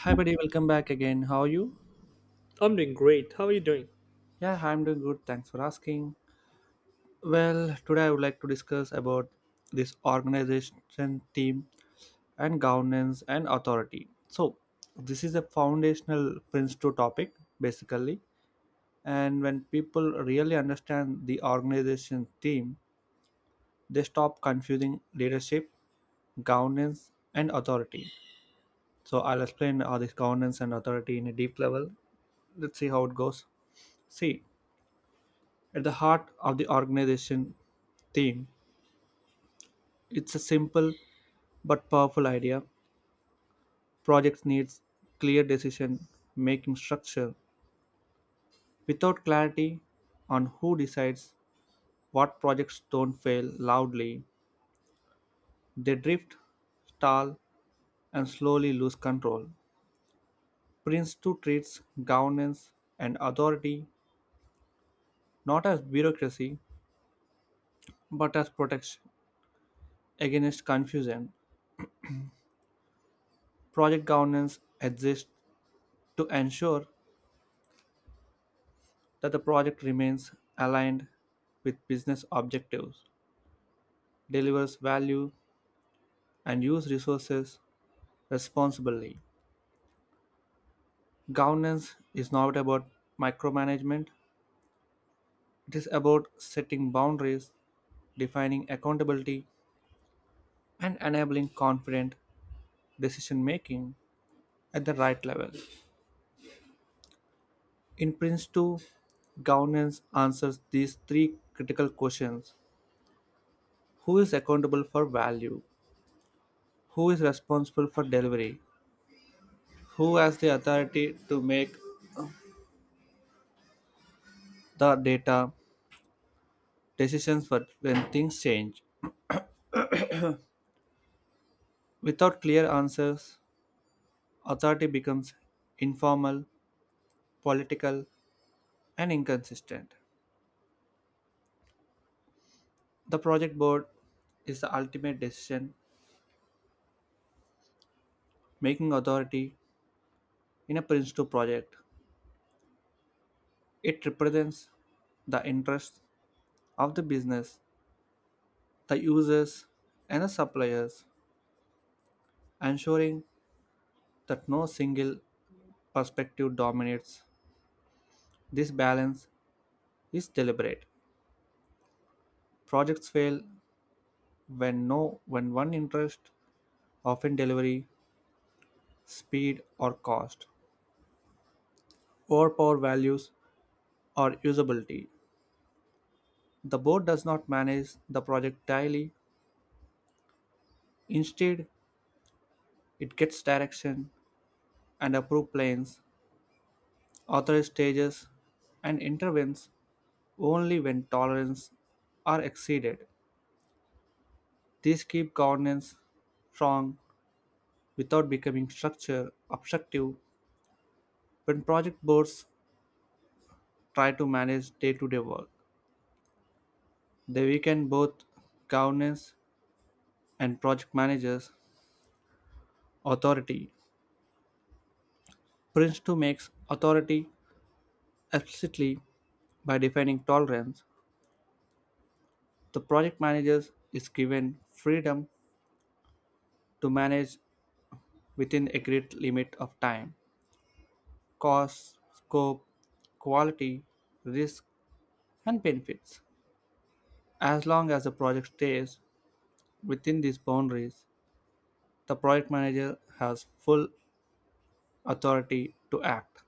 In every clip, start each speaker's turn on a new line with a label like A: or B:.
A: Hi, buddy. Welcome back again. How are you?
B: I'm doing great. How are you doing?
A: Yeah, I'm doing good. Thanks for asking. Well, today I would like to discuss about this organization team and governance and authority. So, this is a foundational principle topic basically. And when people really understand the organization team, they stop confusing leadership, governance, and authority. So, I'll explain all this governance and authority in a deep level, let's see how it goes. See, at the heart of the organization theme, it's a simple but powerful idea. Projects needs clear decision making structure. Without clarity on who decides what, projects don't fail loudly, they drift, stall, and slowly lose control. Prince 2 treats governance and authority not as bureaucracy but as protection against confusion. Project governance exists to ensure that the project remains aligned with business objectives, delivers value, and uses resources responsibly. Governance is not about micromanagement, it is about setting boundaries, defining accountability, and enabling confident decision making at the right level. In Prince 2, governance answers these three critical questions. Who is accountable for value? Who is responsible for delivery? Who has the authority to make the data decisions for when things change? Without clear answers, authority becomes informal, political, and inconsistent. The project board is the ultimate decision making authority in a Prince 2 project. It represents the interests of the business, the users, and the suppliers, ensuring that no single perspective dominates. This balance is deliberate. Projects fail when no when one interest, often delivery, speed or cost, overpower values or usability. The board does not manage the project daily. Instead, it gets direction and approves plans, authorizes stages, and intervenes only when tolerances are exceeded. These keep governance strong without becoming structure obstructive. When project boards try to manage day-to-day work, they weaken both governance and project managers' authority. Prince 2 makes authority explicitly by defining tolerance. The project manager is given freedom to manage within a great limit of time, cost, scope, quality, risk, and benefits. As long as the project stays within these boundaries, the project manager has full authority to act.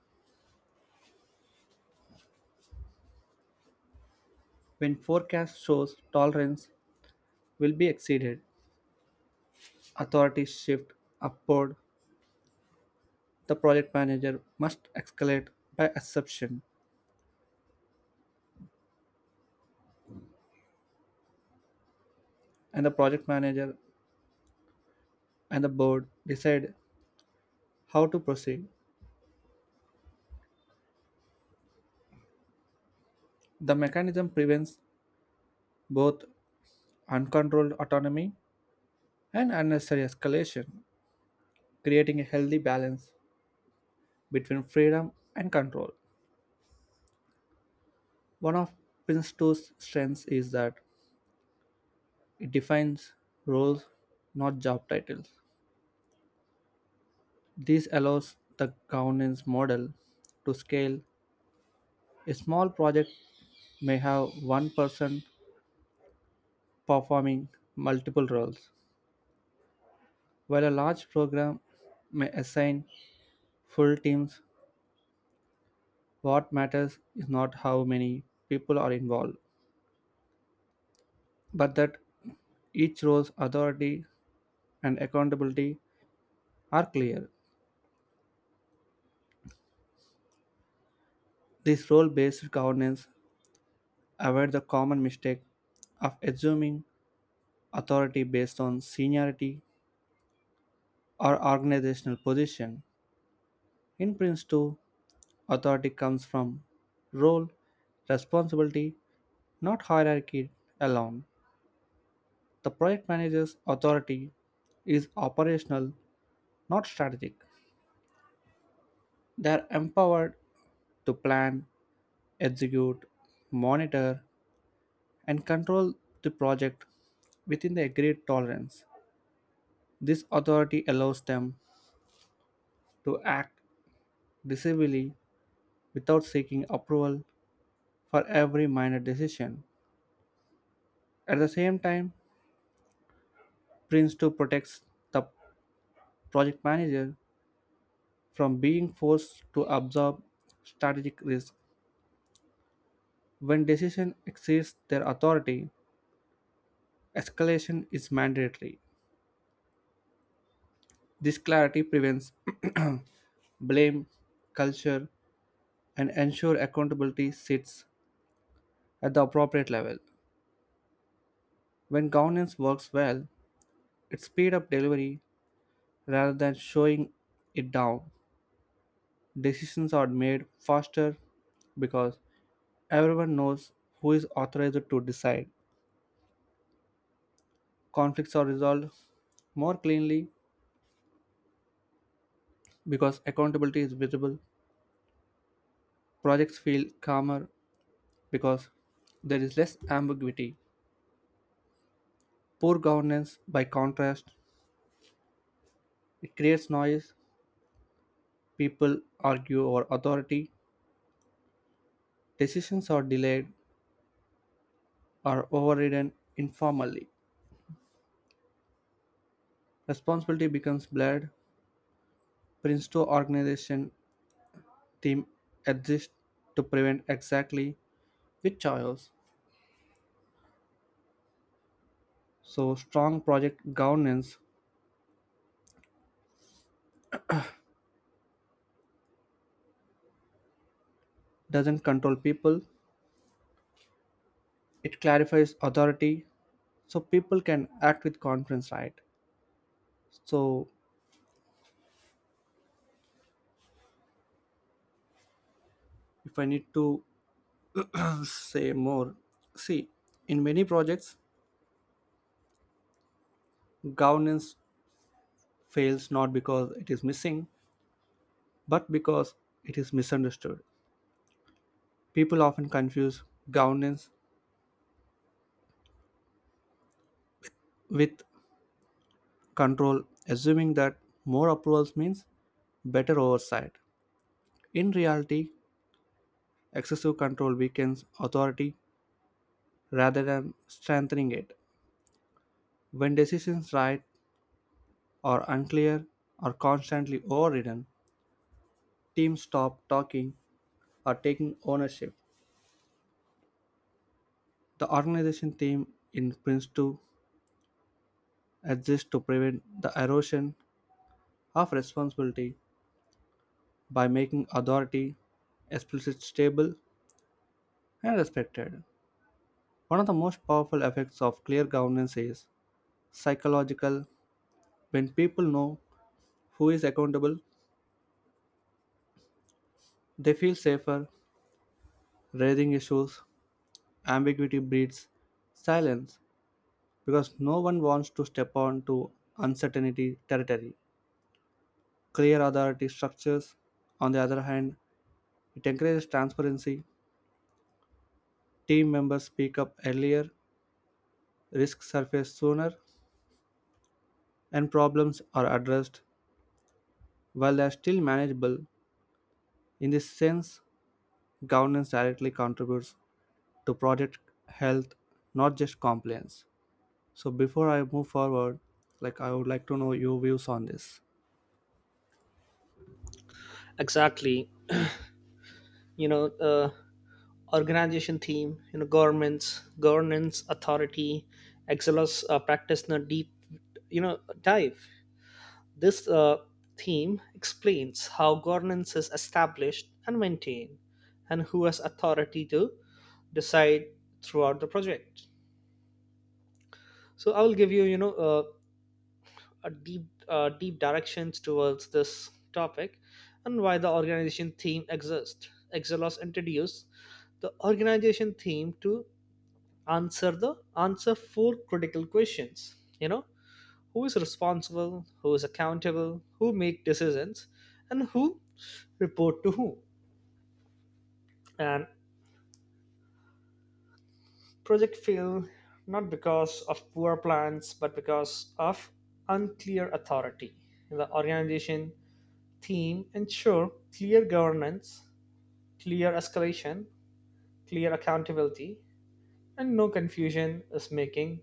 A: When forecast shows tolerance will be exceeded, authorities shift upward. The project manager must escalate by exception, and the project manager and the board decide how to proceed. The mechanism prevents both uncontrolled autonomy and unnecessary escalation, creating a healthy balance between freedom and control. One of Prince 2's strengths is that it defines roles, not job titles. This allows the governance model to scale. A small project may have one person performing multiple roles, while a large program may assign full teams. What matters is not how many people are involved, but that each role's authority and accountability are clear. This role based governance avoids the common mistake of assuming authority based on seniority or organizational position. In Prince 2, authority comes from role, responsibility, not hierarchy alone. The project manager's authority is operational, not strategic. They are empowered to plan, execute, monitor, and control the project within the agreed tolerance. This authority allows them to act decisively without seeking approval for every minor decision. At the same time, Prince 2 protects the project manager from being forced to absorb strategic risk. When decision exceeds their authority, escalation is mandatory. This clarity prevents blame culture and ensure accountability sits at the appropriate level. When governance works well, it speeds up delivery rather than showing it down. Decisions are made faster because everyone knows who is authorized to decide. Conflicts are resolved more cleanly because accountability is visible. Projects feel calmer because there is less ambiguity. Poor governance, by contrast, it creates noise. People argue over authority. Decisions are delayed or overridden informally. Responsibility becomes blurred. Prince 2 organization team exists to prevent exactly which chaos. So, strong project governance doesn't control people, it clarifies authority so people can act with confidence, right? So, if I need to say more, see, in many projects, governance fails not because it is missing, but because it is misunderstood. People often confuse governance with control, assuming that more approvals means better oversight. In reality, excessive control weakens authority rather than strengthening it. When decisions right or unclear are constantly overridden, teams stop talking or taking ownership. The organization theme in Prince 2 exists to prevent the erosion of responsibility by making authority explicit, stable, and respected. One of the most powerful effects of clear governance is psychological. When people know who is accountable, they feel safer raising issues. Ambiguity breeds silence because no one wants to step on to uncertainty territory. Clear authority structures, on the other hand, it encourages transparency. Team members speak up earlier, risks surface sooner, and problems are addressed while they are still manageable. In this sense, governance directly contributes to project health, not just compliance. So before I move forward, like I would like to know your views on this.
B: Exactly. You know, uh, organization theme. Governments, governance, authority, Excelos practice in a deep, dive. This theme explains how governance is established and maintained, and who has authority to decide throughout the project. So I will give you, a deep directions towards this topic and why the organization theme exists. Exelos introduced the organization theme to answer four critical questions. Who is responsible, who is accountable, who make decisions, and who report to who. And project failed not because of poor plans but because of unclear authority. The organization theme ensure clear governance, clear escalation, clear accountability, and no confusion is making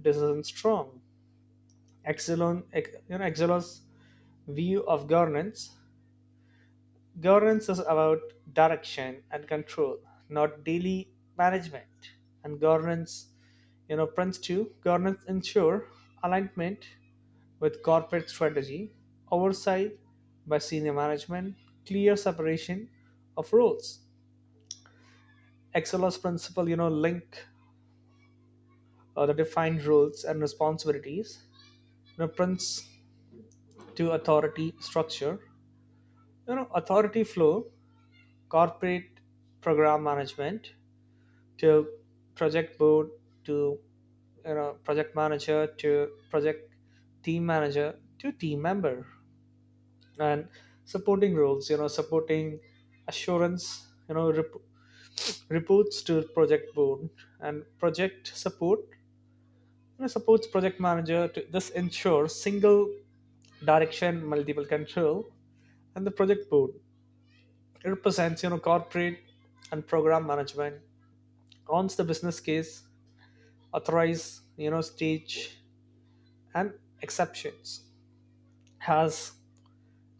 B: decisions strong. Exelon, ex- you know, Exelo's view of governance is about direction and control, not daily management. And governance, Prince 2 governance ensure alignment with corporate strategy, oversight by senior management, clear separation of roles, Excelos principle, link the defined roles and responsibilities, prints to authority structure, authority flow, corporate program management to project board to project manager to project team manager to team member and supporting roles supporting assurance reports to project board and project support. Supports project manager. To, this ensures single direction, multiple control, and the project board. It represents corporate and program management, owns the business case, authorize stage and exceptions, has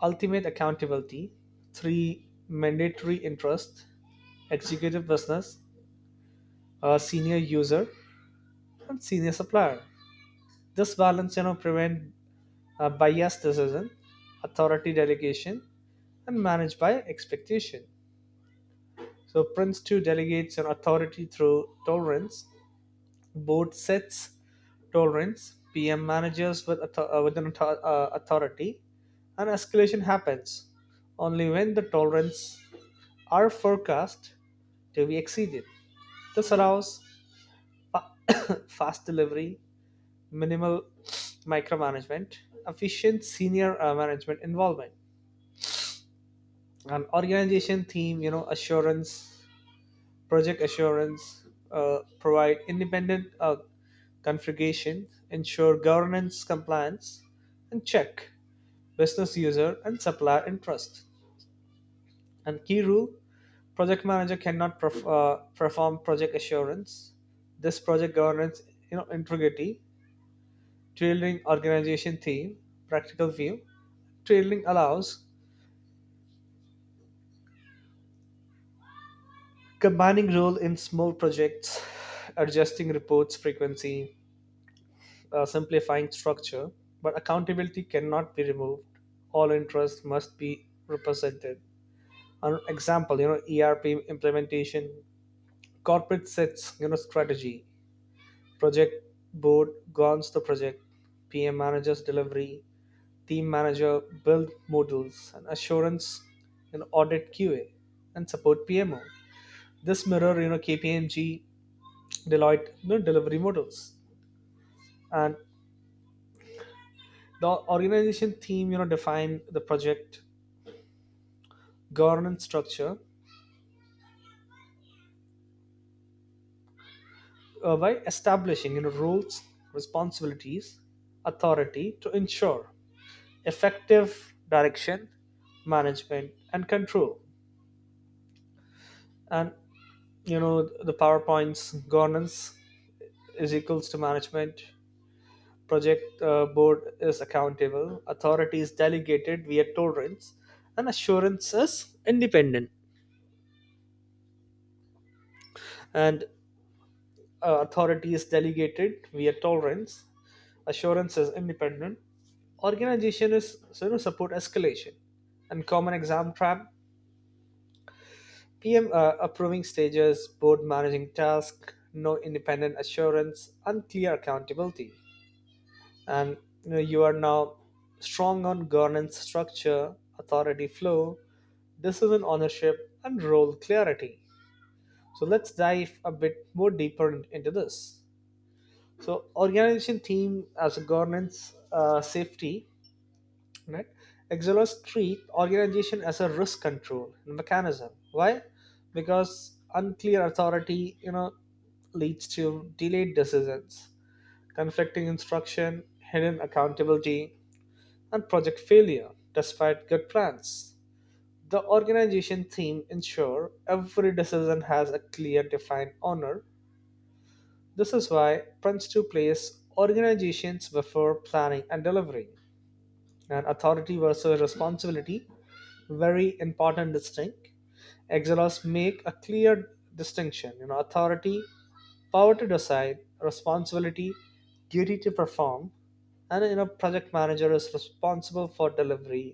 B: ultimate accountability, three mandatory interest, executive business, senior user, and senior supplier. This balance prevent biased decision, authority delegation, and managed by expectation. So Prince 2 delegates an authority through tolerance. Board sets tolerance. PM manages with an authority, and escalation happens only when the tolerance are forecast to be exceeded. This allows fast delivery, minimal micromanagement, efficient senior management involvement, an organization theme, assurance. Project assurance provide independent configuration, ensure governance compliance, and check business user and supplier interest. And key rule: project manager cannot perform project assurance. This project governance, integrity, trailing organization theme, practical view. Trailing allows combining role in small projects, adjusting reports frequency, simplifying structure, but accountability cannot be removed. All interests must be represented. An example, ERP implementation, corporate sets, strategy, project board guns the project, PM managers delivery, team manager build modules, and assurance and audit QA, and support PMO. This mirror, KPMG, Deloitte, delivery models, and the organization team define the project governance structure by establishing rules, responsibilities, authority to ensure effective direction, management, and control. And you know the PowerPoint's governance is equals to management. Project board is accountable. Authority is delegated via tolerance, and assurance is independent. And authority is delegated via tolerance, assurance is independent organization is so, support escalation and common exam trap pm approving stages board managing task no independent assurance unclear accountability and you are now strong on governance structure authority flow decision ownership and role clarity. So let's dive a bit more deeper into this. So organization theme as a governance safety, right? Exilers treat organization as a risk control mechanism. Why? Because unclear authority, leads to delayed decisions, conflicting instruction, hidden accountability, and project failure despite good plans. The organization theme ensure every decision has a clear defined owner. This is why Prince 2 plays organizations before planning and delivery, and authority versus responsibility, very important distinct. Exelos make a clear distinction: authority, power to decide, responsibility, duty to perform. And project manager is responsible for delivery,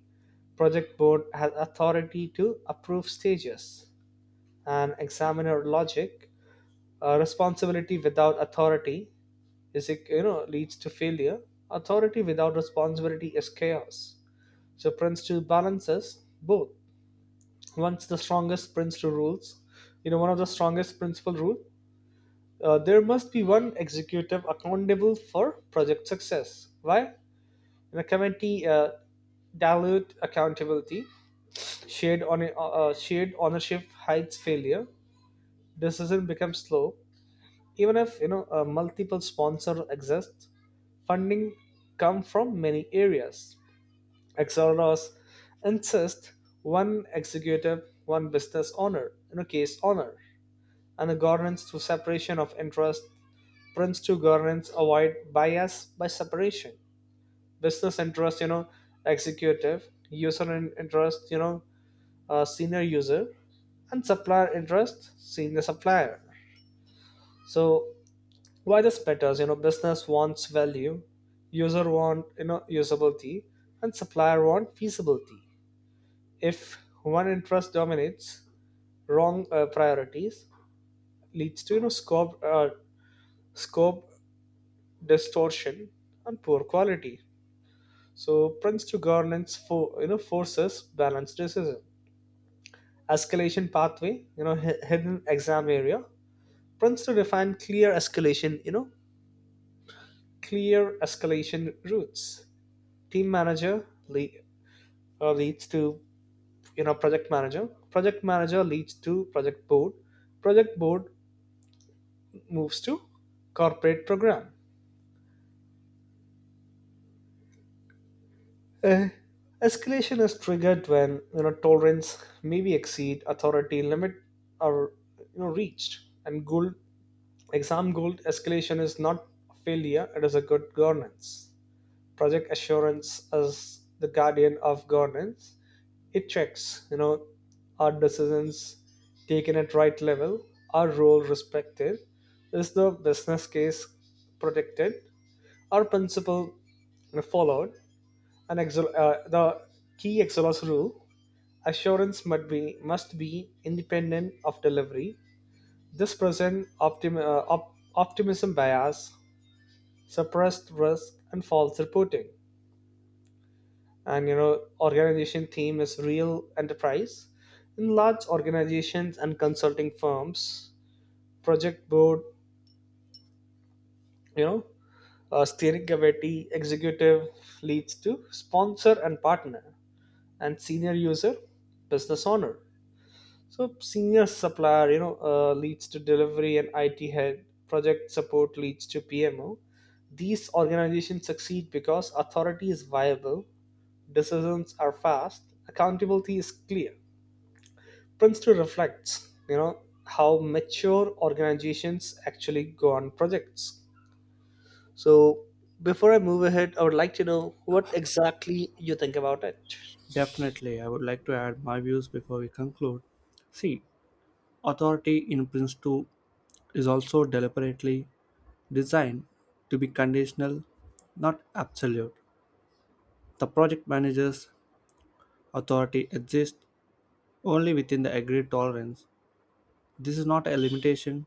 B: project board has authority to approve stages. And examiner logic: responsibility without authority is, leads to failure. Authority without responsibility is chaos. So Prince 2 balances both. Once the strongest principle rules, one of the strongest principle rule, there must be one executive accountable for project success. Why? In a committee, dilute accountability, shared ownership hides failure. Decision becomes slow. Even if multiple sponsors exist, funding come from many areas. Exoros insist one executive, one business owner. Case owner. And the governance through separation of interest, prints to governance avoid bias by separation. Business interest, executive, user interest, senior user, and supplier interest, senior supplier. So why this matters, business wants value, user want, usability, and supplier want feasibility. If one interest dominates, wrong priorities, leads to, scope distortion, and poor quality. So Prince to governance, forces balanced decision. Escalation pathway, hidden exam area. Prince to define clear escalation, clear escalation routes. Team manager leads to, project manager. Project manager leads to project board. Project board moves to corporate program. Uh, Escalation is triggered when, tolerance maybe exceed authority limit, or, reached. And gold exam gold, escalation is not a failure; it is a good governance. Project assurance as the guardian of governance. It checks, are decisions taken at right level, our role respected, is the business case protected, our principle followed. An exo- the key Exelos rule: assurance must be independent of delivery. This present optimism bias, suppressed risk, and false reporting. Organization theme is real enterprise. In large organizations and consulting firms, project board, you know, steering committee, executive leads to sponsor and partner, and senior user, business owner. So senior supplier, leads to delivery and IT head. Project support leads to PMO. These organizations succeed because authority is viable, decisions are fast, accountability is clear. Prince to reflects, how mature organizations actually go on projects. So before I move ahead, I would like to know what exactly you think about it.
A: Definitely, I would like to add my views before we conclude. See, authority in Prince 2 is also deliberately designed to be conditional, not absolute. The project manager's authority exists only within the agreed tolerance. This is not a limitation,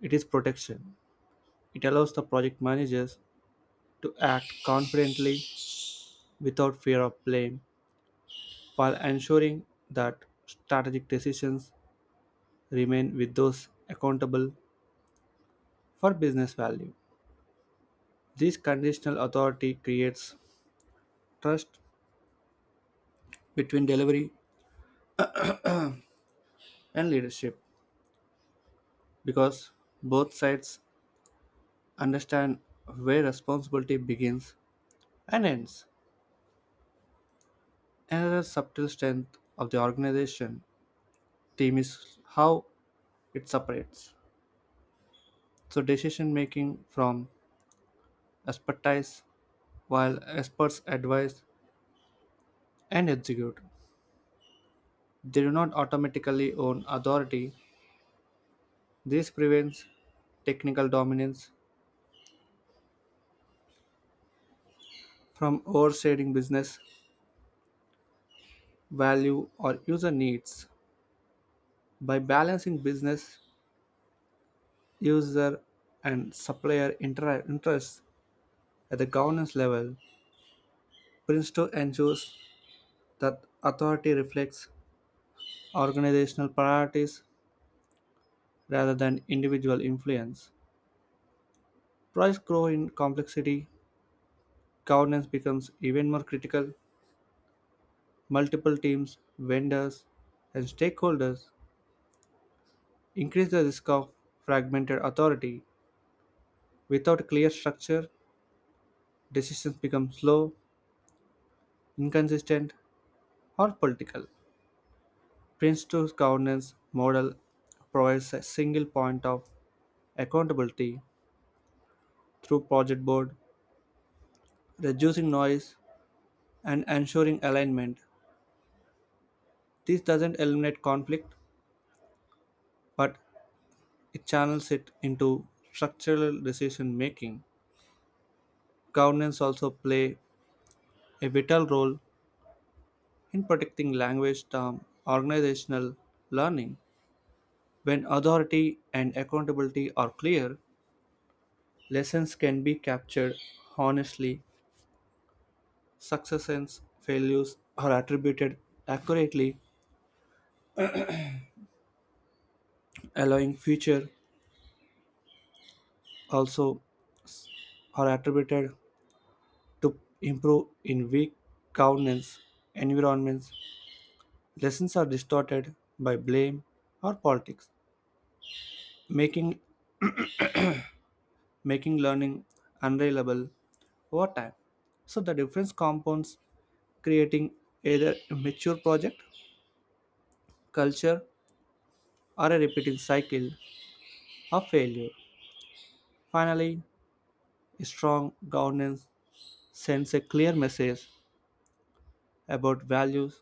A: it is protection. It allows the project managers to act confidently without fear of blame while ensuring that strategic decisions remain with those accountable for business value. This conditional authority creates trust between delivery and leadership because both sides understand where responsibility begins and ends. Another subtle strength of the organization team is how it separates. So, decision making from expertise, while experts advise and execute, they do not automatically own authority. This prevents technical dominance from overstating business value or user needs. By balancing business, user, and supplier interests at the governance level, Princeton ensures that authority reflects organizational priorities rather than individual influence. Price grow in complexity, governance becomes even more critical. Multiple teams, vendors, and stakeholders increase the risk of fragmented authority. Without clear structure, decisions become slow, inconsistent, or political. Prince 2's governance model provides a single point of accountability through project board, reducing noise and ensuring alignment. This doesn't eliminate conflict, but it channels it into structural decision making. Governance also play a vital role in protecting language term organizational learning. When authority and accountability are clear, lessons can be captured honestly, successes, failures are attributed accurately, allowing future also are attributed to improve in weak governance environments. Lessons are distorted by blame or politics, making making learning unreliable over time. So the difference compounds, creating either a mature project, culture, or a repeating cycle of failure. Finally, strong governance sends a clear message about values.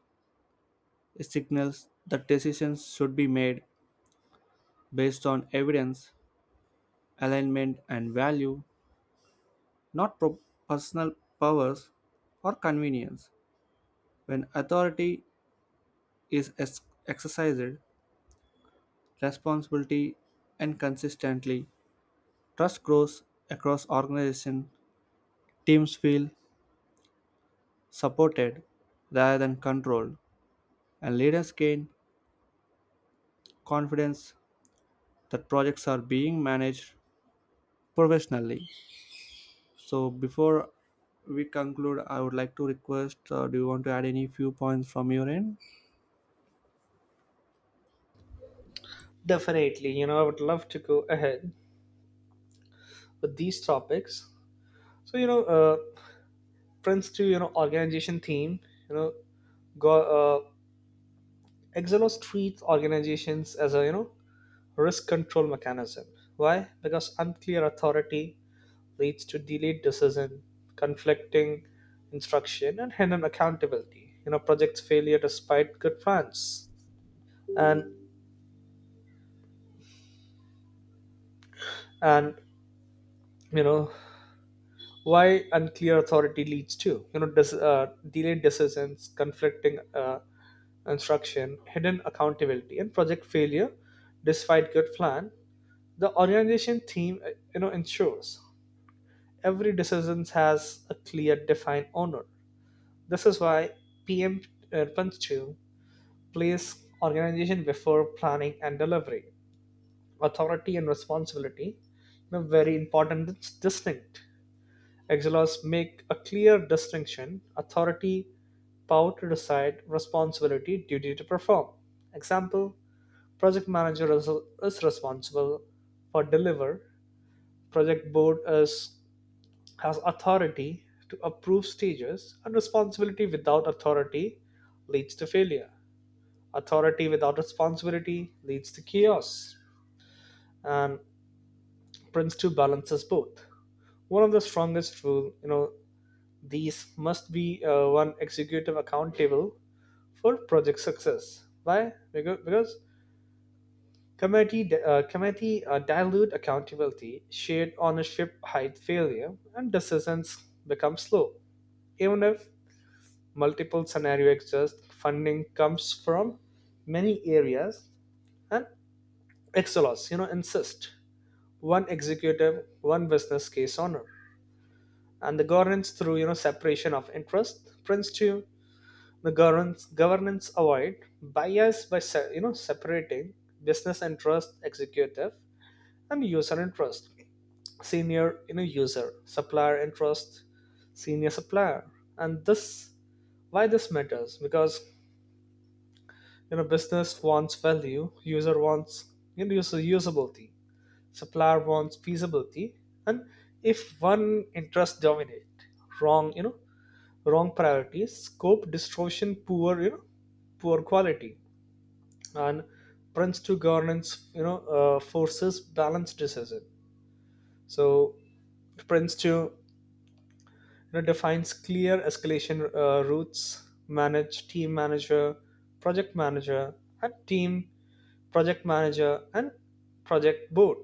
A: It signals that decisions should be made based on evidence, alignment, and value, not personal powers or convenience. When authority is exercised responsibility and consistently, trust grows across organization. Teams feel supported rather than controlled, and leaders gain confidence that projects are being managed professionally. So before we conclude, I would like to request, do you want to add any few points from your end?
B: Definitely, I would love to go ahead with these topics. So, reference to, organization theme, you know go, uh, exelos treats organizations as a, risk control mechanism. Why? Because unclear authority leads to delayed decision, conflicting instruction, and hidden accountability, projects failure despite good plans. And and you know why unclear authority leads to, delayed decisions, conflicting instruction, hidden accountability, and project failure despite good plan. The organization theme, ensures every decision has a clear defined owner. This is why pm punch 2 plays organization before planning and delivery. Authority and responsibility, very important. It's distinct. Exelos make a clear distinction: authority, power to decide, responsibility, duty to perform. Example: project manager is responsible for deliver. Project board is has authority to approve stages, and responsibility without authority leads to failure. Authority without responsibility leads to chaos. And Prince 2 balances both. One of the strongest rule, These must be one executive accountable for project success. Why? Because committee dilute accountability, shared ownership hide failure, and decisions become slow. Even if multiple scenarios exist, funding comes from many areas, and Excelos, insist one executive, one business case owner, and the governance through, separation of interest. Prince two, the governance avoid bias by separating business and trust, executive, and user and trust, senior, user, supplier and trust, senior supplier. And this, why this matters, because, business wants value, user wants, you know user usability, supplier wants feasibility. And if one interest dominate, wrong you know wrong priorities, scope distortion, poor you know poor quality. And Prince 2 governance, forces balanced decision. So Prince 2, defines clear escalation routes, manage team manager, project manager, and team project manager and project board.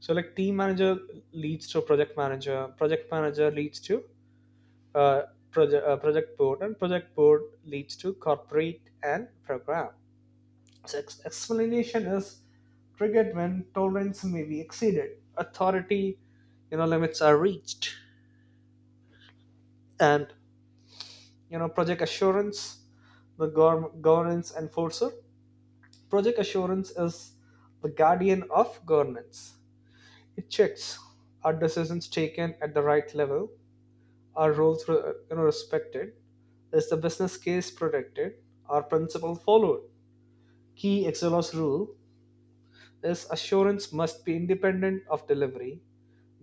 B: So like team manager leads to project manager leads to uh, project board, and project board leads to corporate and program. Its explanation is triggered when tolerance may be exceeded, authority, limits are reached, and, project assurance, the governance enforcer. Project assurance is the guardian of governance. It checks, are decisions taken at the right level, are roles respected, is the business case protected, are principles followed. Key Excelos rule is assurance must be independent of delivery.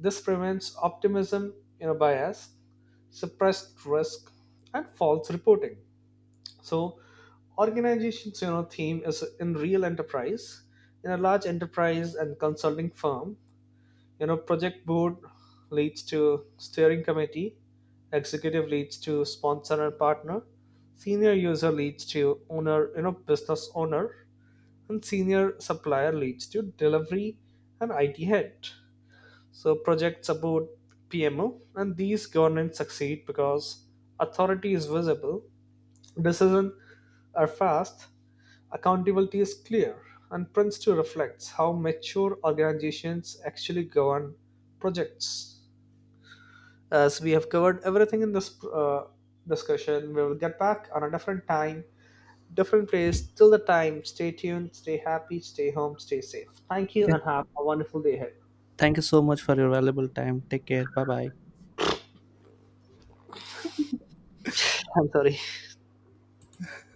B: This prevents optimism, bias, suppressed risk, and false reporting. So, organization's, theme is in real enterprise. In a large enterprise and consulting firm, project board leads to steering committee, executive leads to sponsor and partner, senior user leads to owner you know business owner, and senior supplier leads to delivery and IT head. So projects support PMO, and these governance succeed because authority is visible, decisions are fast, accountability is clear, and Prince 2 reflects how mature organizations actually govern projects. As we have covered everything in this discussion, we will get back on a different time, different place. Till the time, stay tuned, stay happy, stay home, stay safe. Thank you,
A: Yeah.
B: and have a wonderful day ahead.
A: Thank you so much for your valuable time. Take care. Bye bye.
B: I'm sorry.